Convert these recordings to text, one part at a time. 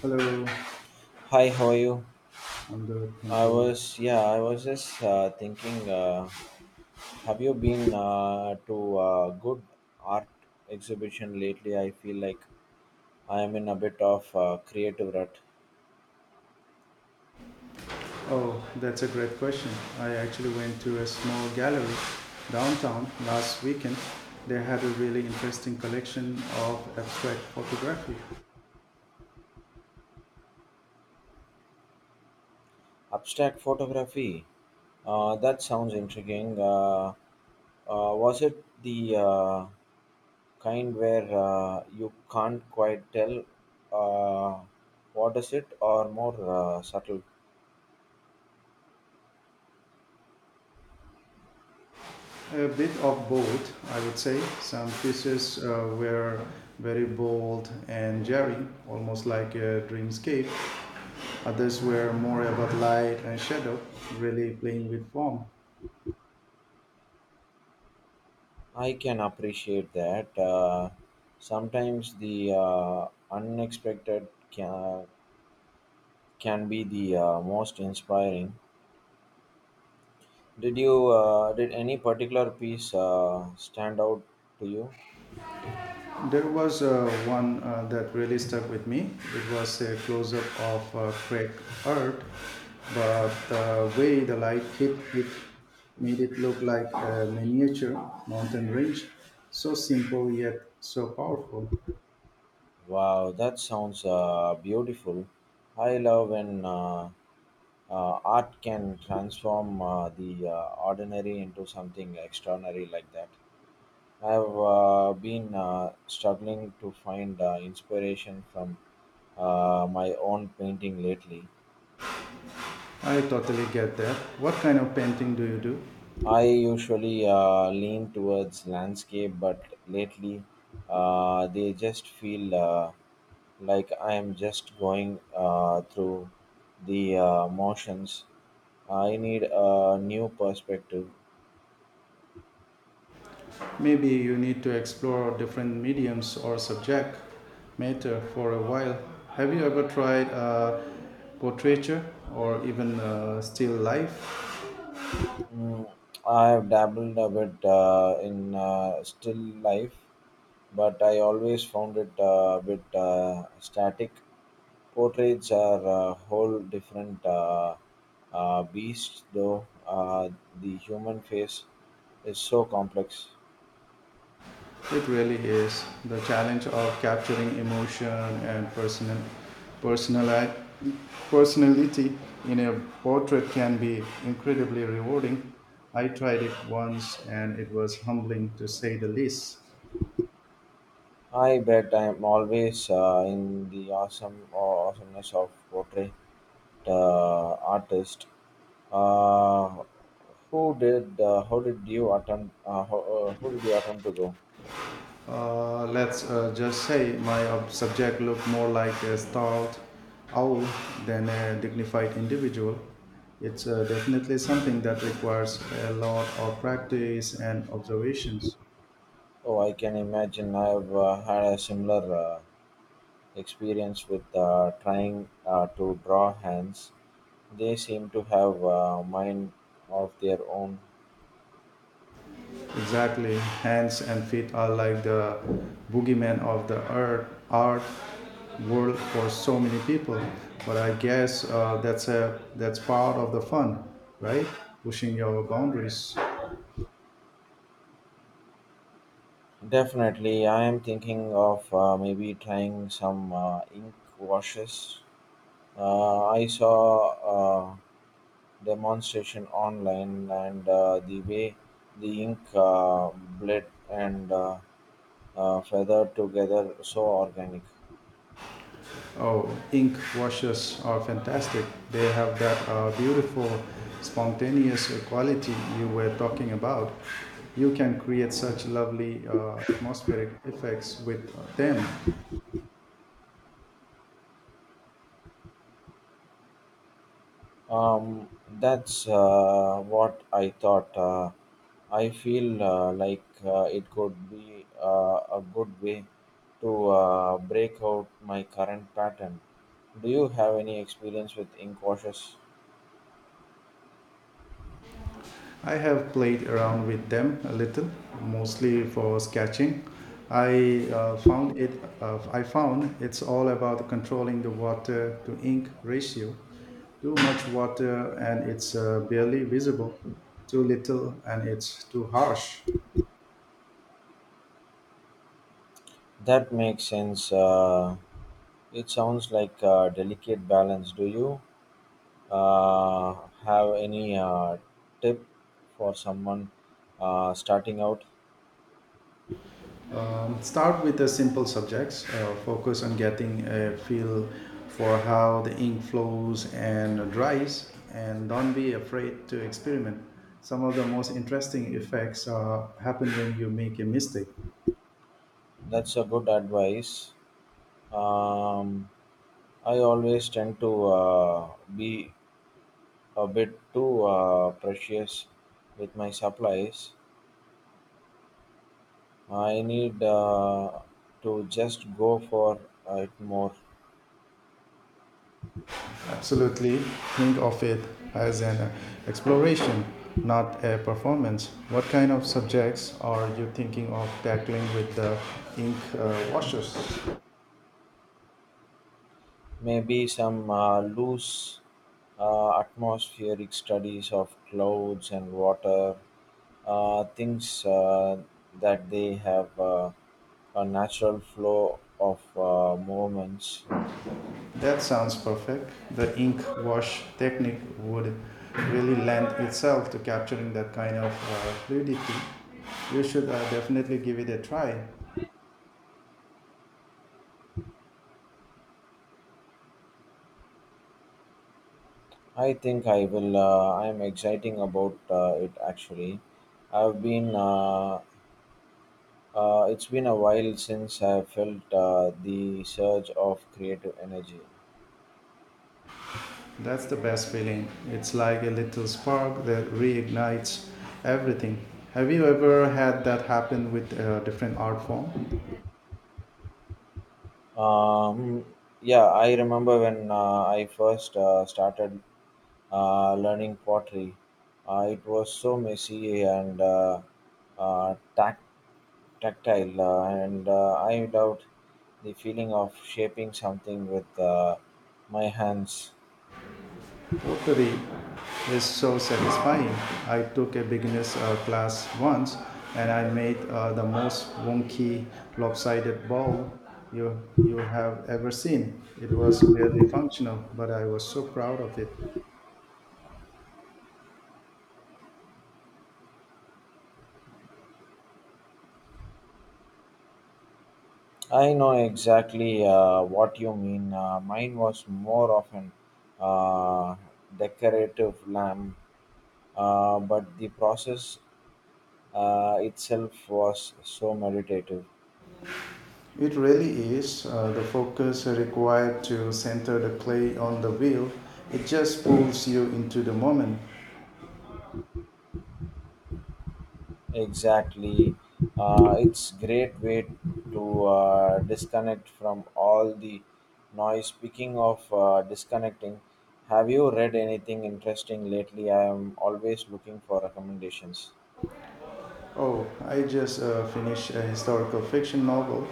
Hello, Hi, how are you? I'm good, thank I you. was, yeah, I was just thinking, have you been to a good art exhibition lately? I feel like I am in a bit of creative rut. Oh, that's a great question. I actually went to a small gallery downtown last weekend. They had a really interesting collection of abstract photography. Abstract photography, that sounds intriguing. Was it the kind where you can't quite tell uh, what is it, or more subtle. A bit of both, I would say. Some pieces were very bold and jarring, almost like a dreamscape. Others were more about light and shadow, really playing with form. I can appreciate that. Sometimes the unexpected can be the most inspiring. Did you did any particular piece stand out to you? There was one that really stuck with me. It was a close up of cracked earth, but the way the light hit it made it look like a miniature mountain range. So simple yet so powerful. Wow, that sounds beautiful. I love when art can transform the ordinary into something extraordinary like that. I've been struggling to find inspiration from my own painting lately. I totally get that. What kind of painting do you do? I usually lean towards landscape, but lately they just feel like I am just going through the motions. I need a new perspective. Maybe you need to explore different mediums or subject matter for a while. Have you ever tried portraiture or even still life? Mm, I have dabbled a bit in still life, but I always found it a bit static. Portraits are a whole different beast, though. The human face is so complex. It really is the challenge of capturing emotion and personali- personality in a portrait can be incredibly rewarding. I tried it once and it was humbling to say the least. I bet I am always in the awesomeness of portrait artist. Uh, who did how did you attempt who did you attempt to go? Let's just say my subject looked more like a stout owl than a dignified individual. It's definitely something that requires a lot of practice and observations. Oh, I can imagine. I've had a similar experience with trying to draw hands. They seem to have a mind of their own. Exactly. Hands and feet are like the boogeyman of the art world for so many people. But I guess that's a that's part of the fun, right? Pushing your boundaries. Definitely, I am thinking of maybe trying some ink washes. I saw uh, demonstration online and the way the ink bled and feathered together so organic. Oh, ink washes are fantastic. They have that beautiful, spontaneous quality you were talking about. You can create such lovely atmospheric effects with them. um, that's what I thought. I feel like it could be a good way to break out my current pattern. Do you have any experience with ink washes? I have played around with them a little, mostly for sketching. I found it's all about controlling the water to ink ratio. Too much water and it's barely visible. Too little and it's too harsh. That makes sense. It sounds like a delicate balance. Do you Uh, have any tip for someone starting out? Start with the simple subjects. Focus on getting a feel for how the ink flows and dries, and don't be afraid to experiment. Some of the most interesting effects happen when you make a mistake. That's a good advice. Um, I always tend to be a bit too precious with my supplies. I need to just go for it more. Absolutely, think of it as an exploration, not a performance. What kind of subjects are you thinking of tackling with the ink washers? Maybe some loose atmospheric studies of clouds and water things that they have a natural flow of movements. That sounds perfect. The ink wash technique would really lend itself to capturing that kind of fluidity. You should definitely give it a try. I think I will. I am exciting about it actually. I've been. It's been a while since I felt the surge of creative energy. That's the best feeling. It's like a little spark that reignites everything. Have you ever had that happen with a different art form? Um, yeah, I remember when I first started learning pottery. It was so messy and uh, tac- tactile, and I loved the feeling of shaping something with my hands. Pottery is so satisfying. I took a beginner's class once and I made the most wonky, lopsided ball you have ever seen. It was barely functional, but I was so proud of it. I know exactly what you mean. Mine was more of an uh, decorative lamp, but the process itself was so meditative. It really is the focus required to center the clay on the wheel. It just pulls you into the moment. Exactly. It's great way to disconnect from all the noise. Speaking of disconnecting, have you read anything interesting lately? I am always looking for recommendations. Oh, I just finished a historical fiction novel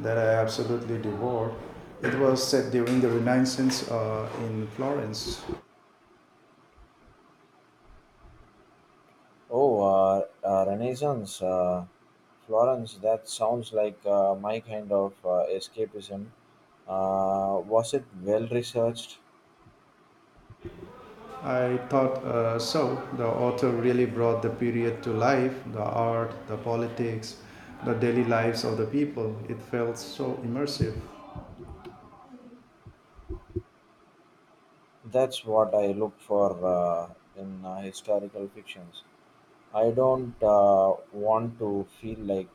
that I absolutely devoured. It was set during the Renaissance in Florence. Oh, Renaissance, Florence, that sounds like my kind of escapism. Was it well researched? I thought so. The author really brought the period to life, the art, the politics, the daily lives of the people. It felt so immersive. That's what I look for in historical fictions. I don't want to feel like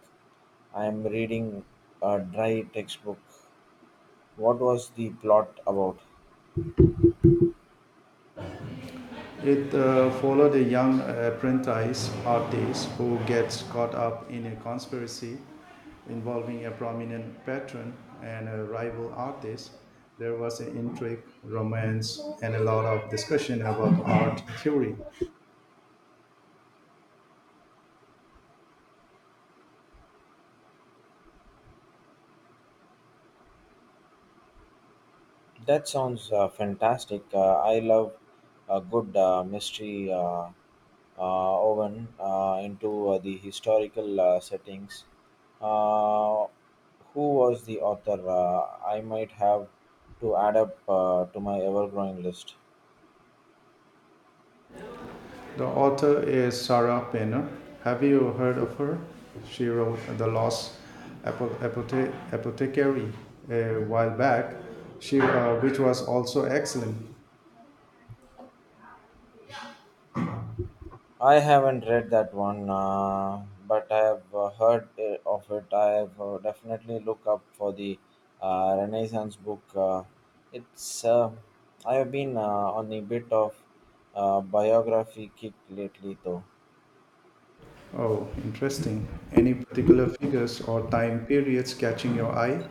I am reading a dry textbook. What was the plot about? It follow the young apprentice artist who gets caught up in a conspiracy involving a prominent patron and a rival artist. There was an intrigue, romance, and a lot of discussion about art theory. That sounds fantastic. I love a good mystery oven into the historical settings. Uh, who was the author? I might have to add up to my ever growing list. The author is Sarah Penner. Have you heard of her? She wrote The Lost Apothecary a while back, which was also excellent. I haven't read that one, but I have heard of it. I have definitely look up for the Renaissance book. It's I have been on a bit of biography kick lately, though. Oh, interesting. Any particular figures or time periods catching your eye?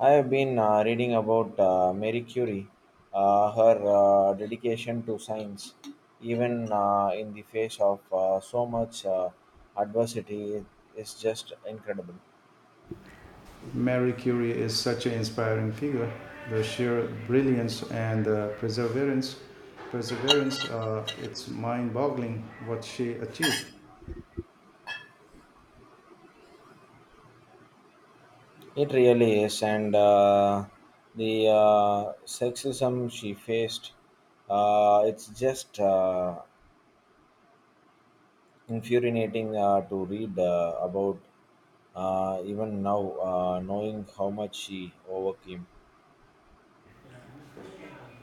I have been reading about Marie Curie, her dedication to science, even in the face of so much adversity, is just incredible. Marie Curie is such an inspiring figure. The sheer brilliance and the perseverance, it's mind-boggling what she achieved. It really is, and the sexism she faced, it's just infuriating to read about, even now, knowing how much she overcame.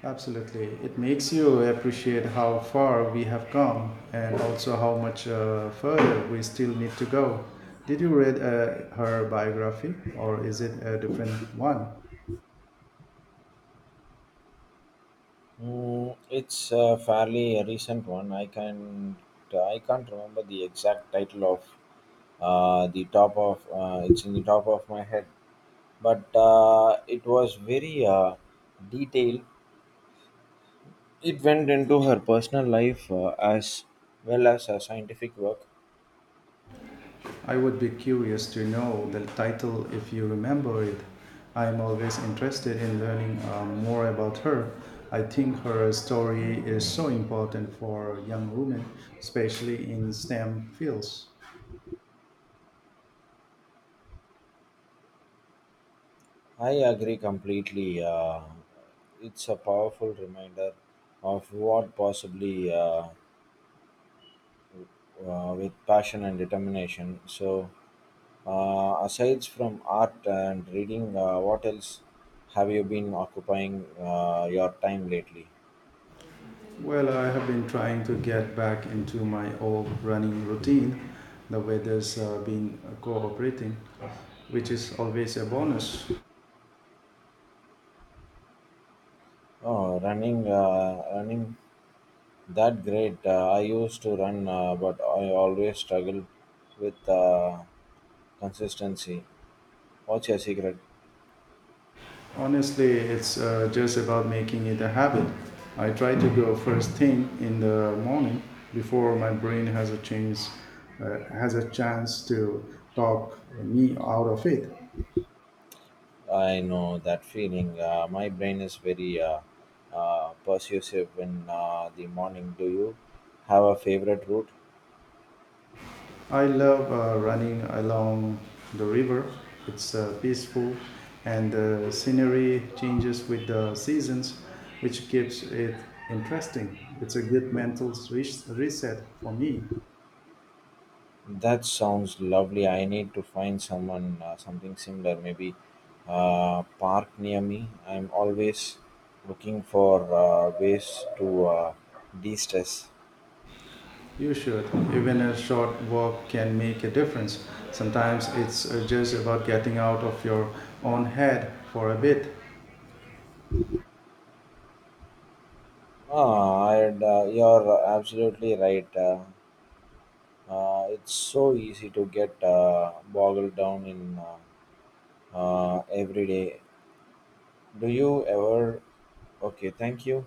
Absolutely. It makes you appreciate how far we have come and also how much further we still need to go. Did you read her biography or is it a different one? Mm, it's fairly a recent one. I can't remember the exact title of the top of it's in the top of my head, but it was very detailed. It went into her personal life as well as her scientific work. I would be curious to know the title if you remember it. I am always interested in learning more about her. I think her story is so important for young women, especially in STEM fields. I agree completely. It's a powerful reminder of what possibly with passion and determination. So, aside from art and reading, what else have you been occupying your time lately? Well, I have been trying to get back into my old running routine. The weather's been cooperating, which is always a bonus. Oh, running, running, that great. I used to run, but I always struggle with. Consistency. What's your secret? Honestly, it's just about making it a habit. I try to go first thing in the morning before my brain has a chance to talk me out of it. I know that feeling. My brain is very persuasive in the morning. Do you have a favorite route? I love running along the river. It's peaceful and the scenery changes with the seasons, which keeps it interesting. It's a good mental reset for me. That sounds lovely. I need to find someone, something similar. Maybe park near me. I'm always looking for ways to de-stress. You should. Even a short walk can make a difference. Sometimes it's just about getting out of your own head for a bit. Ah, I'd, you're absolutely right. It's so easy to get boggled down in every day. Do you ever? Okay, thank you.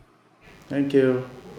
Thank you.